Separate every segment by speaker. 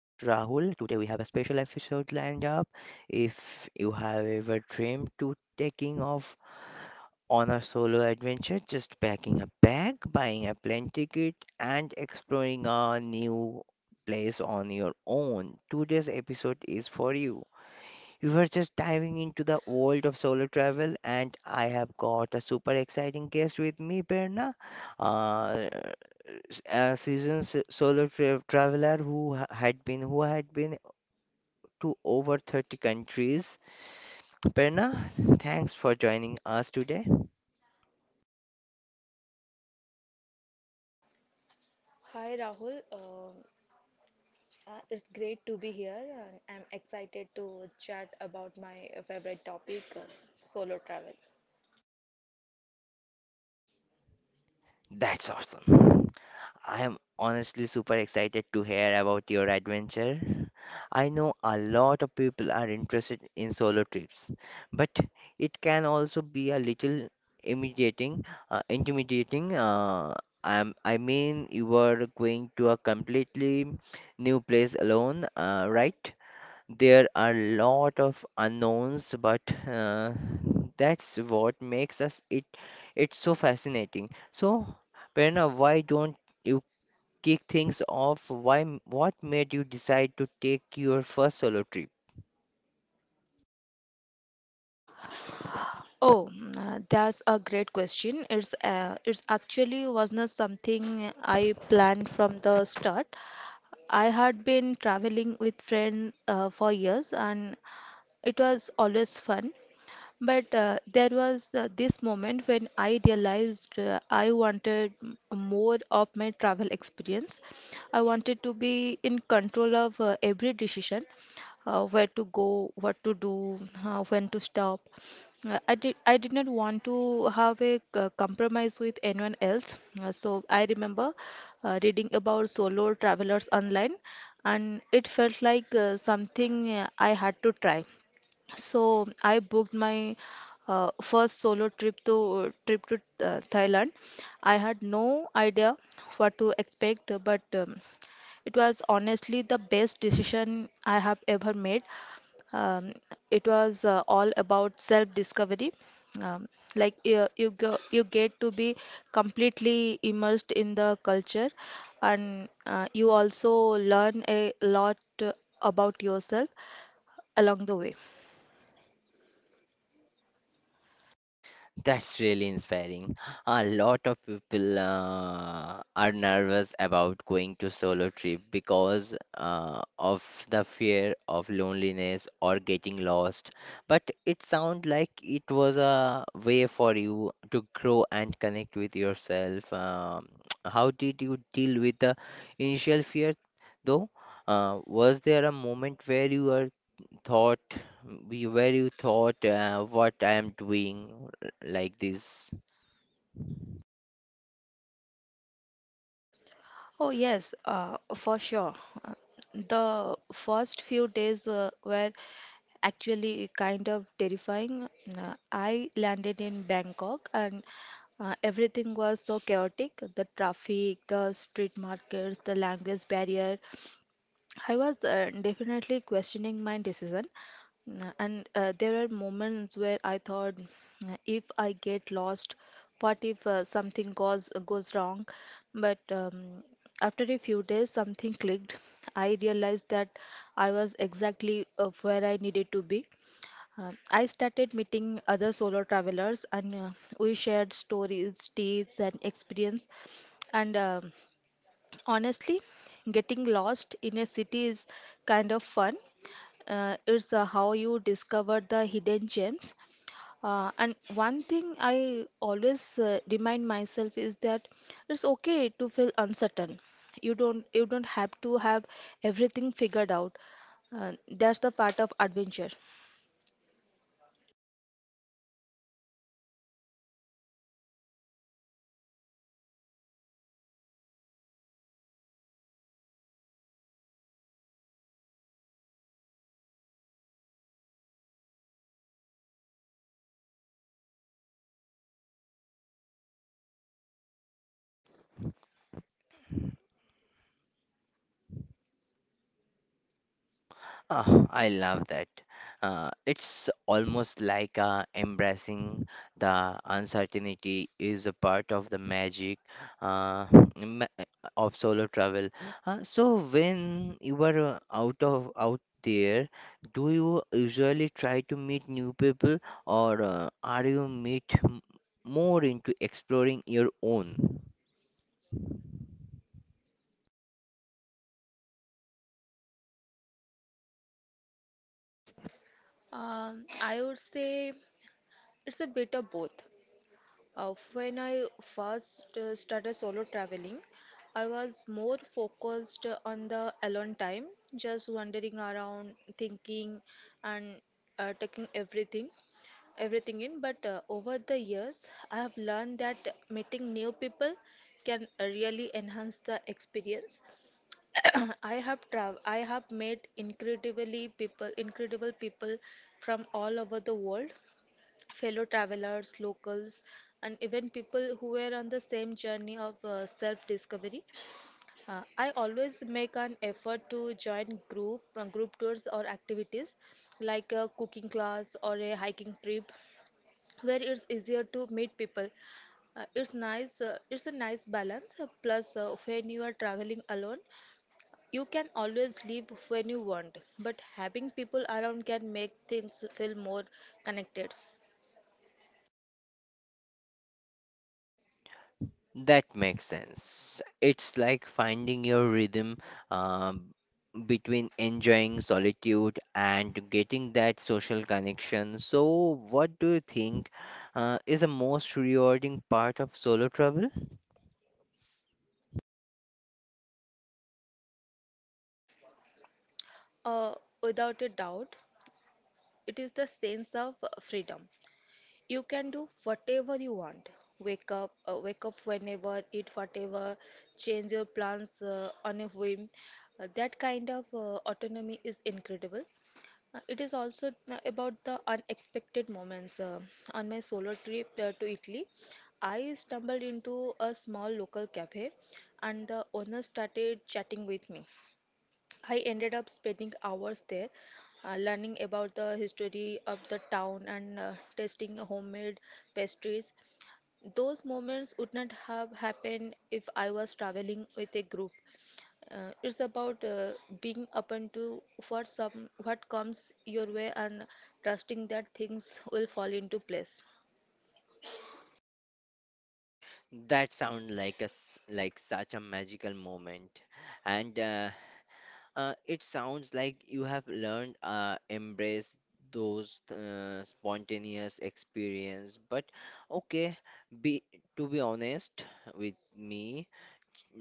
Speaker 1: Today we have a special episode lined up. If you have ever dreamed to taking off on a solo adventure, just packing a bag, buying a plane ticket, and exploring a new place on your own, today's episode is for you. We were just diving into the world of solo travel, and I have got a super exciting guest with me, Berna, uh, a seasoned solo traveler who had been to over 30 countries. Berna, thanks for joining us today.
Speaker 2: Hi Rahul, it's great to be here. And I'm excited to chat about my favorite topic, solo travel.
Speaker 1: That's awesome. I am honestly super excited to hear about your adventure. I know a lot of people are interested in solo trips, but it can also be a little intimidating. Intimidating. I mean, you are going to a completely new place alone, right? There are a lot of unknowns, but uh, that's what makes us it it's so fascinating. So, Prerna, why don't you kick things off? What made you decide to take your first solo trip?
Speaker 2: Oh, that's a great question. It's actually was not something I planned from the start. I had been traveling with friends for years, and it was always fun. But there was this moment when I realized I wanted more of my travel experience. I wanted to be in control of every decision, where to go, what to do, when to stop. I did not want to have a compromise with anyone else. So I remember reading about solo travelers online, and it felt like something I had to try. So I booked my first solo trip to Thailand. I had no idea what to expect, but it was honestly the best decision I have ever made. Um, it was all about self-discovery. Um, like you go, you get to be completely immersed in the culture, and you also learn a lot about yourself along the way.
Speaker 1: That's really inspiring. A lot of people are nervous about going to solo trip because of the fear of loneliness or getting lost. But it sounds like it was a way for you to grow and connect with yourself. How did you deal with the initial fear, though? Was there a moment where you were thought, be very thought what I am doing like this?
Speaker 2: Oh, yes, for sure. The first few days were actually kind of terrifying. I landed in Bangkok, and everything was so chaotic. The traffic, the street markets, the language barrier. I was definitely questioning my decision, and there are moments where I thought, "If I get lost, what if something goes wrong?" But after a few days, something clicked. I realized that I was exactly where I needed to be. I started meeting other solo travelers, and we shared stories, tips, and experience, and honestly, getting lost in a city is kind of fun. It's how you discover the hidden gems. And one thing I always remind myself is that it's okay to feel uncertain. You don't have to have everything figured out. That's the part of adventure.
Speaker 1: Ah, I love that. It's almost like embracing the uncertainty is a part of the magic uh, ma- of solo travel. So when you are out there, do you usually try to meet new people, or are you meet m- more into exploring your own?
Speaker 2: I would say it's a bit of both. When I first started solo traveling, I was more focused on the alone time, just wandering around, thinking, and taking everything in. But over the years, I have learned that meeting new people can really enhance the experience. I have met incredible people from all over the world, fellow travelers, locals, and even people who were on the same journey of self-discovery. I always make an effort to join group tours or activities like a cooking class or a hiking trip, where it's easier to meet people. It's nice. It's a nice balance. Plus, when you are traveling alone, you can always leave when you want. But having people around can make things feel more connected.
Speaker 1: That makes sense. It's like finding your rhythm um, between enjoying solitude and getting that social connection. So, what do you think is the most rewarding part of solo travel?
Speaker 2: Uh, Without a doubt, it is the sense of freedom. You can do whatever you want. Wake up whenever, eat whatever, change your plans on a whim. That kind of autonomy is incredible. It is also about the unexpected moments. On my solo trip to Italy, I stumbled into a small local cafe, and the owner started chatting with me. I ended up spending hours there, learning about the history of the town and tasting homemade pastries. Those moments would not have happened if I was traveling with a group. It's about being open to what comes your way and trusting that things will fall into place.
Speaker 1: That sounds like like such a magical moment, and it sounds like you have learned embrace those spontaneous experience. But okay, be to be honest with me,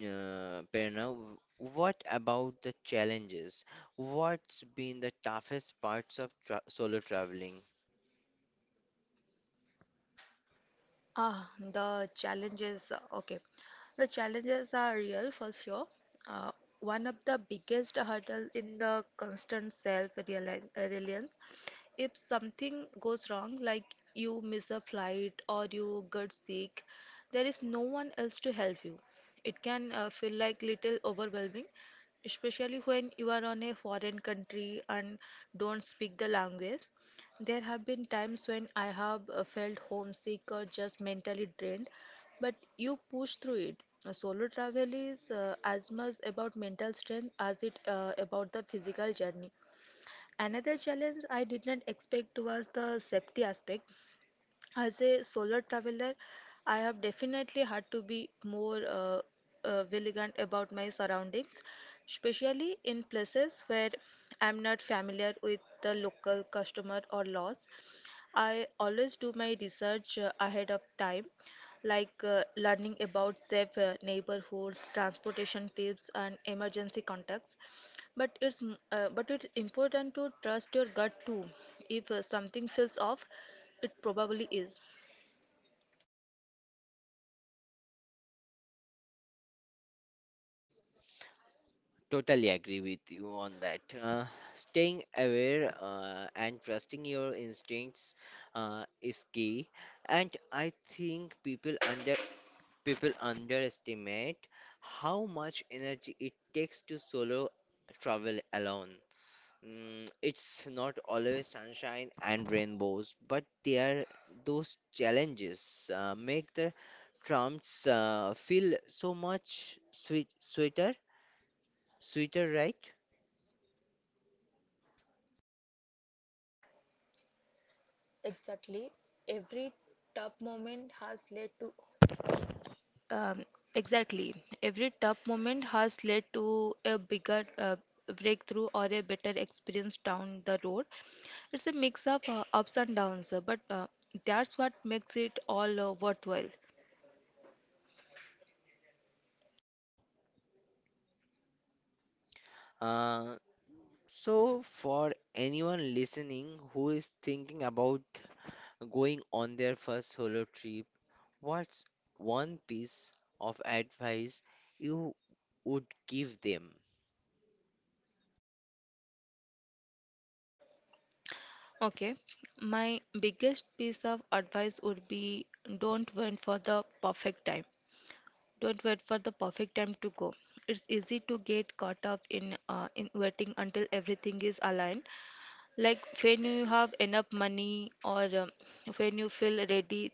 Speaker 1: Prerna, what about the challenges? What's been the toughest parts of tra solo traveling?
Speaker 2: Ah, the challenges. Okay, the challenges are real for sure. Uh, One of the biggest hurdle in the constant self-reliance. If something goes wrong, like you miss a flight or you get sick, there is no one else to help you. It can feel like little overwhelming, especially when you are on a foreign country and don't speak the language. There have been times when I have felt homesick or just mentally drained, but you push through it. Solo travel is as much about mental strength as it about the physical journey. Another challenge I did not expect was the safety aspect. As a solo traveler, I have definitely had to be more vigilant about my surroundings, especially in places where I'm not familiar with the local customer or laws. I always do my research ahead of time, like learning about safe neighborhoods, transportation tips, and emergency contacts. But it's important to trust your gut too. If something feels off, it probably is.
Speaker 1: Totally agree with you on that. Staying aware and trusting your instincts is key. And I think people underestimate how much energy it takes to solo travel alone. Mm, it's not always sunshine and rainbows, but there those challenges make the tramps feel so much sweeter, right?
Speaker 2: Exactly. Every tough moment has led to Um, exactly. Every tough moment has led to a bigger breakthrough or a better experience down the road. It's a mix of ups and downs, but that's what makes it all worthwhile.
Speaker 1: Uh, so for anyone listening who is thinking about going on their first solo trip, what's one piece of advice you would give them?
Speaker 2: Okay, my biggest piece of advice would be don't wait for the perfect time. Don't wait for the perfect time to go. It's easy to get caught up in waiting until everything is aligned. Like when you have enough money, or when you feel ready,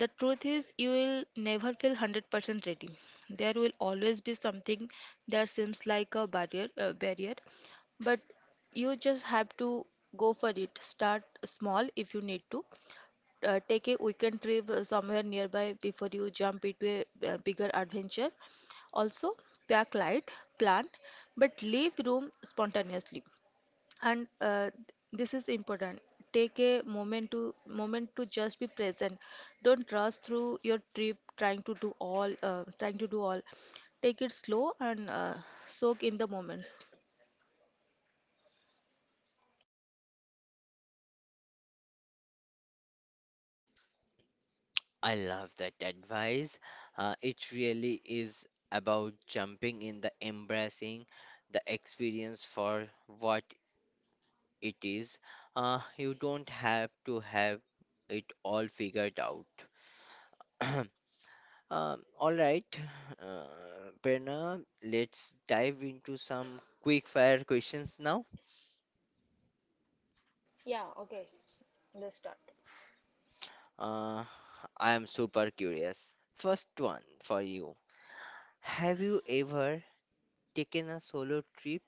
Speaker 2: the truth is you will never feel 100% ready. There will always be something that seems like a barrier, but you just have to go for it. Start small if you need to. Take a weekend trip somewhere nearby before you jump into a bigger adventure. Also, pack light, plan, but leave room spontaneously, and this is important. Take a moment to just be present. Don't rush through your trip trying to do all. Take it slow and soak in the moments.
Speaker 1: I love that advice. It really is about jumping in the embracing the experience for what it is. You don't have to have it all figured out. All right, uh, Prerna, let's dive into some quick fire questions now. Uh, I am super curious. First one for you. Have you ever taken a solo trip?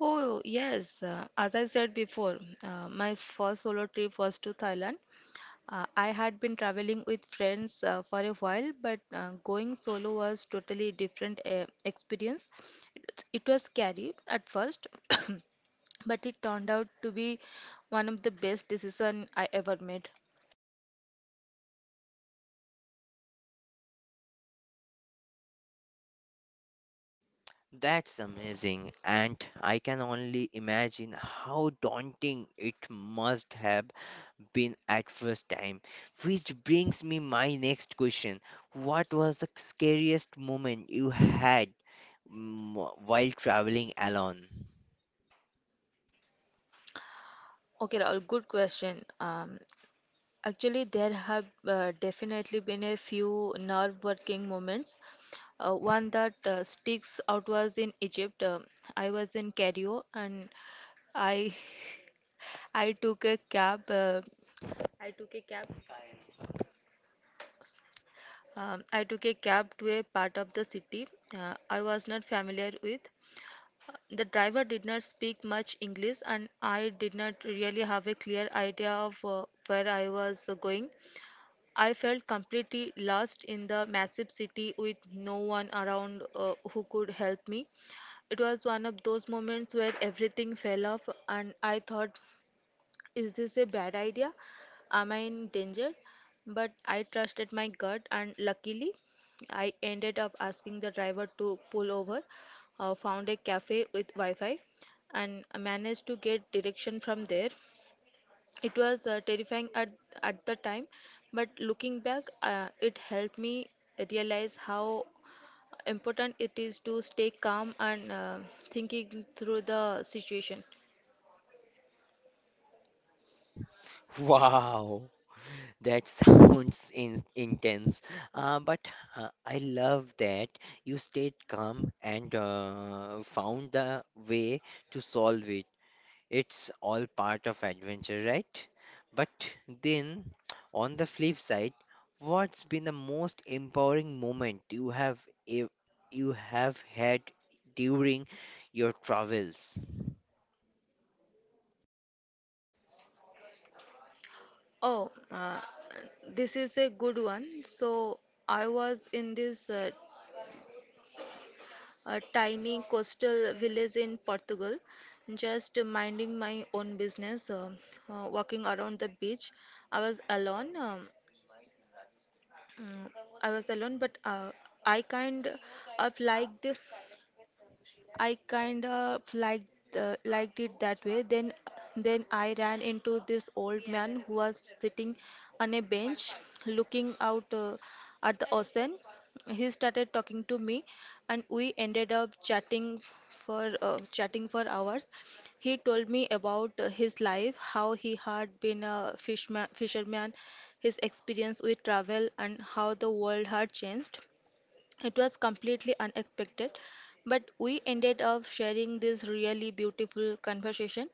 Speaker 2: Oh, yes. As I said before, my first solo trip was to Thailand. I had been traveling with friends for a while, but going solo was totally different experience. It was scary at first, but it turned out to be one of the best decision I ever made.
Speaker 1: That's amazing, and I can only imagine how daunting it must have been at first time. Which brings me my next question. What was the scariest moment you had while traveling alone?
Speaker 2: Okay, Rahul, good question. Actually, there have definitely been a few nerve-wracking moments. One that sticks out was in Egypt. I was in Cairo, and I I took a cab. I took a cab. I took a cab to a part of the city I was not familiar with. The driver did not speak much English, and I did not really have a clear idea of where I was going. I felt completely lost in the massive city with no one around who could help me. It was one of those moments where everything fell off, and I thought, is this a bad idea? Am I in danger? But I trusted my gut, and luckily, I ended up asking the driver to pull over, found a cafe with Wi Fi, and managed to get direction from there. It was terrifying at the time, but looking back, it helped me realize how important it is to stay calm and thinking through the situation.
Speaker 1: Wow. That sounds in intense, but I love that you stayed calm and found the way to solve it. It's all part of adventure, right? But then, on the flip side, what's been the most empowering moment ev- you have had during your travels?
Speaker 2: Oh, this is a good one. So, I was in this tiny coastal village in Portugal, just minding my own business, walking around the beach. I was alone. Mm, I was alone, but I kind of liked I kind of liked liked it that way. Then I ran into this old man who was sitting on a bench looking out at the ocean. He started talking to me, and we ended up chatting for hours. He told me about his life, how he had been a fisherman, his experience with travel, and how the world had changed. It was completely unexpected, but we ended up sharing this really beautiful conversation.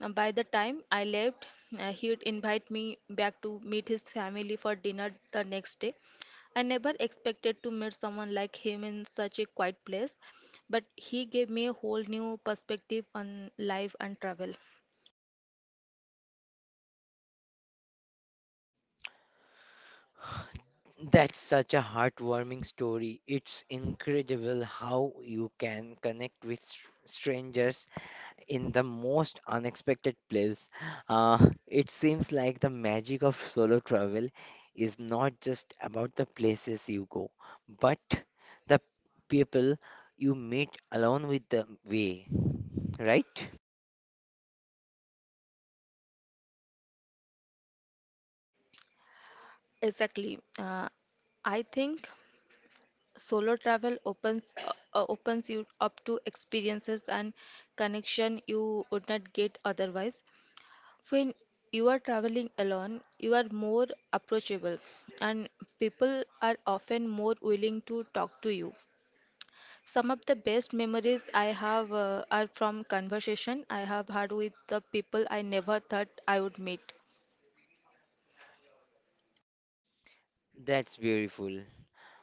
Speaker 2: By the time I left, he'd invite me back to meet his family for dinner the next day. I never expected to meet someone like him in such a quiet place, but he gave me a whole new perspective on life and travel.
Speaker 1: That's such a heartwarming story. It's incredible how you can connect with strangers in the most unexpected place. It seems like the magic of solo travel is not just about the places you go, but the people you meet along with the way, right?
Speaker 2: Exactly. I think. Solo travel opens you up to experiences and connection you would not get otherwise. When you are traveling alone, you are more approachable, and people are often more willing to talk to you. Some of the best memories I have are from conversation I have had with the people I never thought I would meet.
Speaker 1: That's beautiful.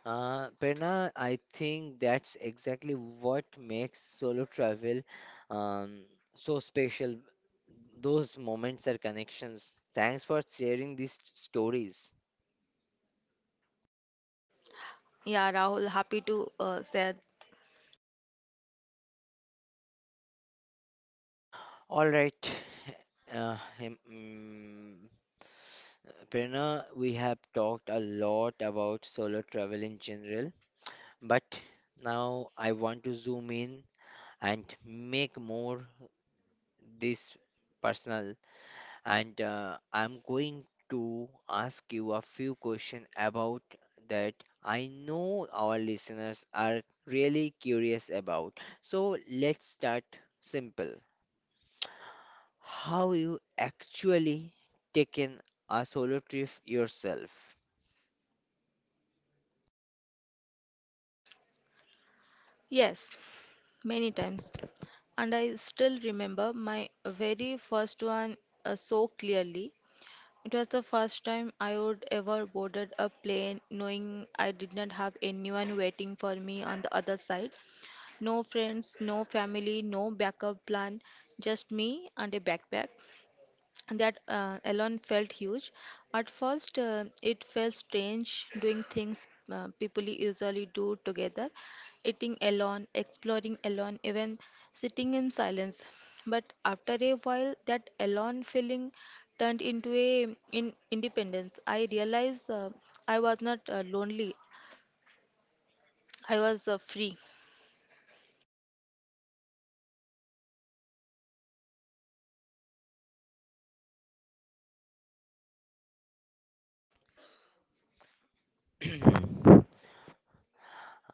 Speaker 1: Prerna, I think that's exactly what makes solo travel um, so special. Those moments are connections. Thanks for sharing these stories.
Speaker 2: Yeah, Rahul, happy to share.
Speaker 1: All right, uh, him- mm, Prerna, we have talked a lot about solo travel in general, but now I want to zoom in and make more this personal, and I'm going to ask you a few questions about that I know our listeners are really curious about. So let's start simple. How you actually taken a solo trip yourself?
Speaker 2: Yes, many times. And I still remember my very first one so clearly. It was the first time I would ever boarded a plane knowing I did not have anyone waiting for me on the other side. No friends, no family, no backup plan, just me and a backpack. That alone felt huge. At first, it felt strange doing things people usually do together, eating alone, exploring alone, even sitting in silence. But after a while, that alone feeling turned into a in independence. I realized, I was not lonely. I was free.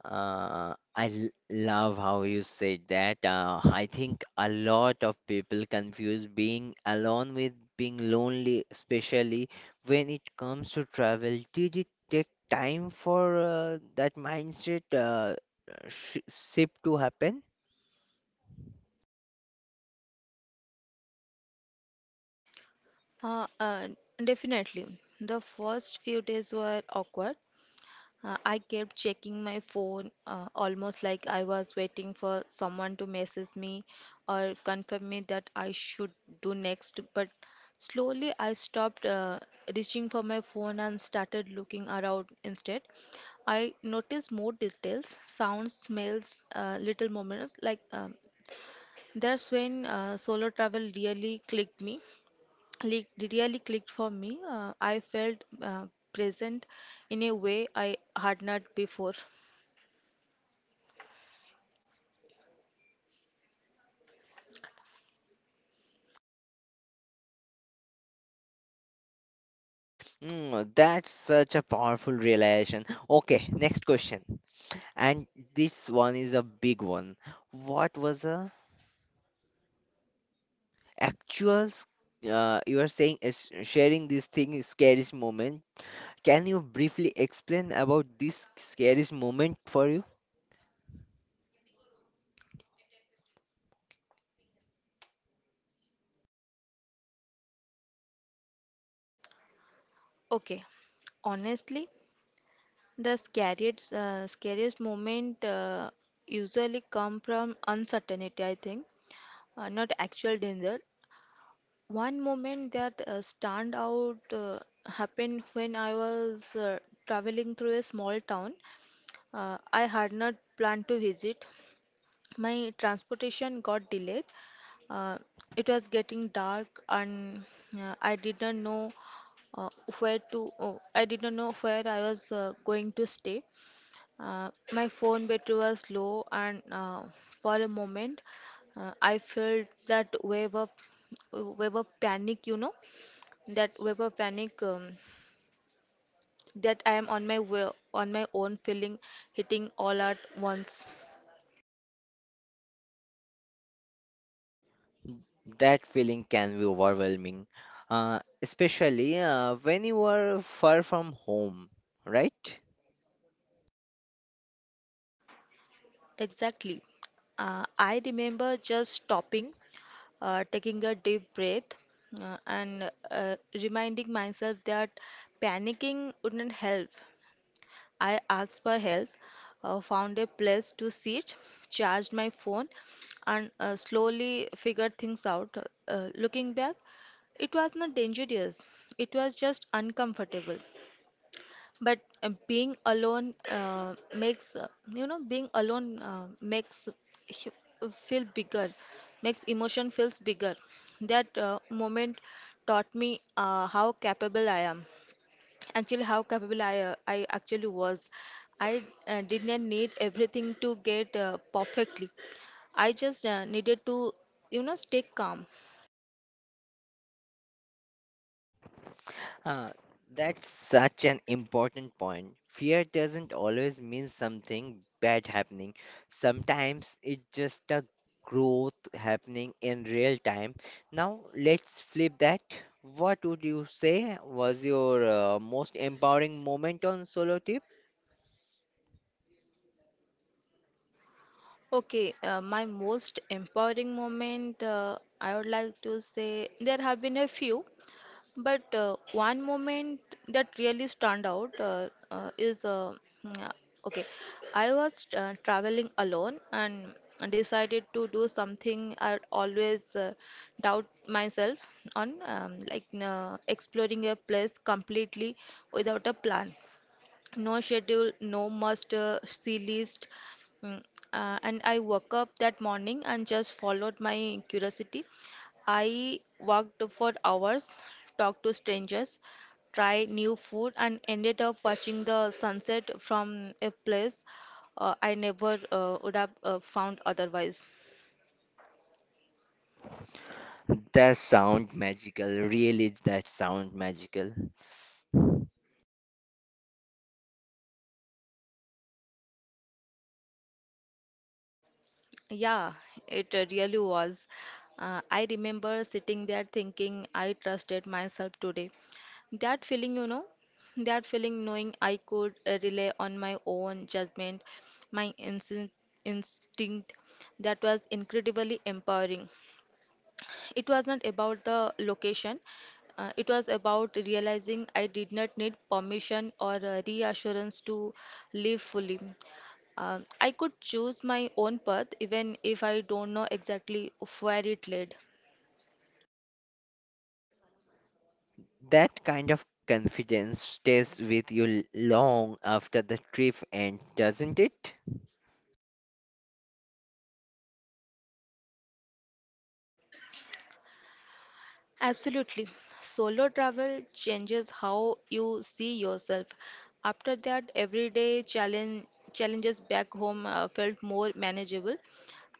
Speaker 1: Love how you said that. I think a lot of people confuse being alone with being lonely, especially when it comes to travel. Did it take time for that mindset sh shift to happen?
Speaker 2: Uh, uh, Definitely. The first few days were awkward. I kept checking my phone almost like I was waiting for someone to message me or confirm me that I should do next. But slowly I stopped reaching for my phone and started looking around instead. I noticed more details, sounds, smells, little moments. That's when solo travel really li- really clicked for me. I felt present in a way I had not before.
Speaker 1: Mm, that's such a powerful realization. Okay, next question. And this one is a big one. What was the actual, you are saying is sharing this thing is scariest moment. Can you briefly explain about this scariest moment for you?
Speaker 2: Okay, honestly, the scariest moment usually come from uncertainty, I think, not actual danger. One moment that stand out happened when I was traveling through a small town I had not planned to visit. My transportation got delayed. Uh, it was getting dark, and I didn't know uh, I didn't know where I was going to stay. My phone battery was low, and for a moment, I felt that wave of panic. You know, that wave of panic that I am on my way, on my own, feeling hitting all at once.
Speaker 1: That feeling can be overwhelming, especially when you are far from home, right?
Speaker 2: Exactly. I remember just stopping, taking a deep breath and reminding myself that panicking wouldn't help. I asked for help, found a place to sit, charged my phone, and slowly figured things out. Looking back, it was not dangerous, it was just uncomfortable, but being alone makes you know, being alone feel bigger makes emotion feels bigger. That moment taught me how capable I actually was. I did not need everything to get perfectly. I just needed to, you know, stay calm.
Speaker 1: Uh, that's such an important point. Fear doesn't always mean something bad happening. Sometimes it's just a growth happening in real time. Now, let's flip that. What would you say was your most empowering moment on Solo Tip?
Speaker 2: Okay, my most empowering moment, I would like to say there have been a few, but one moment that really stand out mm, uh, okay. I was traveling alone and decided to do something I always doubt myself on, exploring a place completely without a plan, no schedule, no must see list. Mm, and I woke up that morning and just followed my curiosity. I walked for hours, talked to strangers, tried new food, and ended up watching the sunset from a place I never would have found otherwise.
Speaker 1: That sound magical. Really, that sound magical.
Speaker 2: Yeah, it really was. I remember sitting there thinking I trusted myself today. That feeling, you know, that feeling knowing I could rely on my own judgment, my instinct, that was incredibly empowering. It was not about the location, it was about realizing I did not need permission or reassurance to live fully. I could choose my own path even if I don't know exactly where it led.
Speaker 1: That kind of confidence stays with you long after the trip ends, doesn't it?
Speaker 2: Absolutely. Solo travel changes how you see yourself. After that, challenges back home felt more manageable.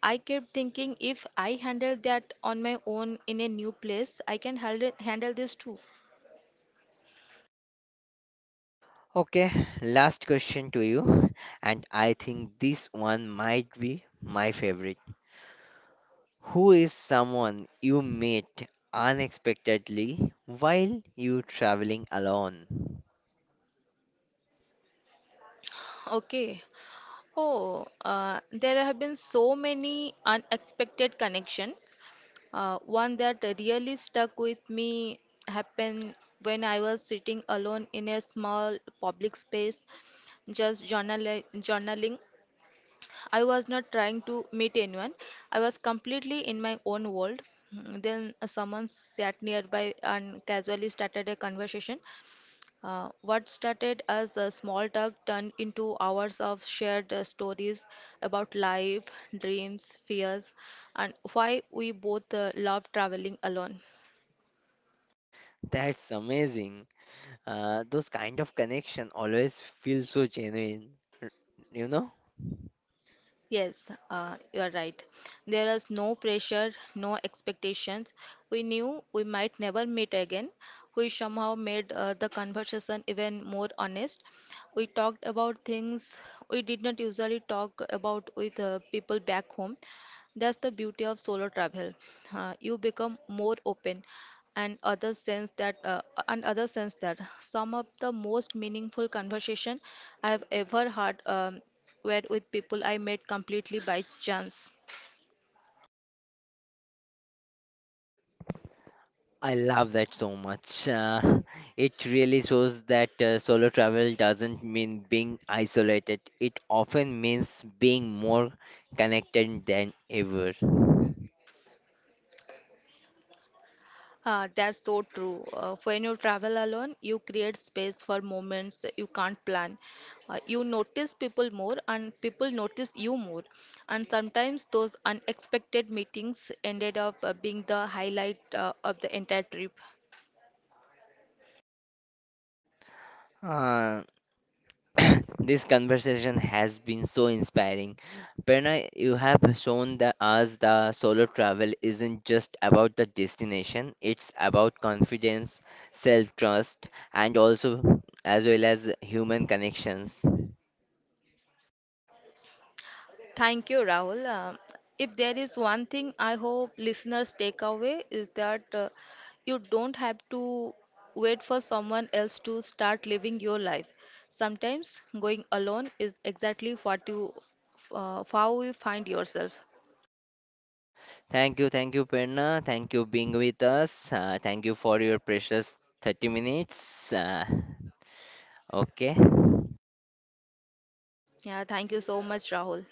Speaker 2: I kept thinking, if I handle that on my own in a new place, I can handle this too.
Speaker 1: Okay, last question to you, and I think this one might be my favorite. Who is someone you met unexpectedly while you traveling alone?
Speaker 2: Okay. Oh, there have been so many unexpected connection. One that really stuck with me happened when I was sitting alone in a small public space, just journaling. I was not trying to meet anyone. I was completely in my own world. Then someone sat nearby and casually started a conversation. What started as a small talk turned into hours of shared stories about life, dreams, fears, and why we both love traveling alone.
Speaker 1: That's amazing. Those kind of connection always feel so genuine, you know?
Speaker 2: Yes, you are right. There is no pressure, no expectations. We knew we might never meet again. We somehow made the conversation even more honest. We talked about things we did not usually talk about with people back home. That's the beauty of solo travel. You become more open, and and others sense that. Some of the most meaningful conversation I have ever had were with people I met completely by chance.
Speaker 1: I love that so much. It really shows that solo travel doesn't mean being isolated. It often means being more connected than ever.
Speaker 2: Ah, that's so true. When you travel alone, you create space for moments you can't plan. You notice people more, and people notice you more. And sometimes those unexpected meetings ended up being the highlight of the entire trip.
Speaker 1: Uh, this conversation has been so inspiring. Prerna, you have shown that us the solo travel isn't just about the destination, it's about confidence, self-trust, and also as well as human connections.
Speaker 2: Thank you, Rahul. If there is one thing I hope listeners take away, is that you don't have to wait for someone else to start living your life. Sometimes going alone is exactly what you how you find yourself.
Speaker 1: Thank you, Prerna. Thank you being with us. Thank you for your precious 30 minutes. Okay.
Speaker 2: Yeah, thank you so much, Rahul.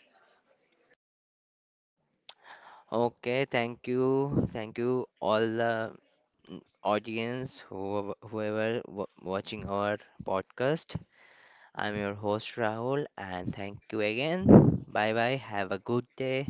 Speaker 1: Okay, thank you. Thank you all the audience who whoever watching our podcast. I'm your host Rahul and thank you again. Bye bye. Have a good day.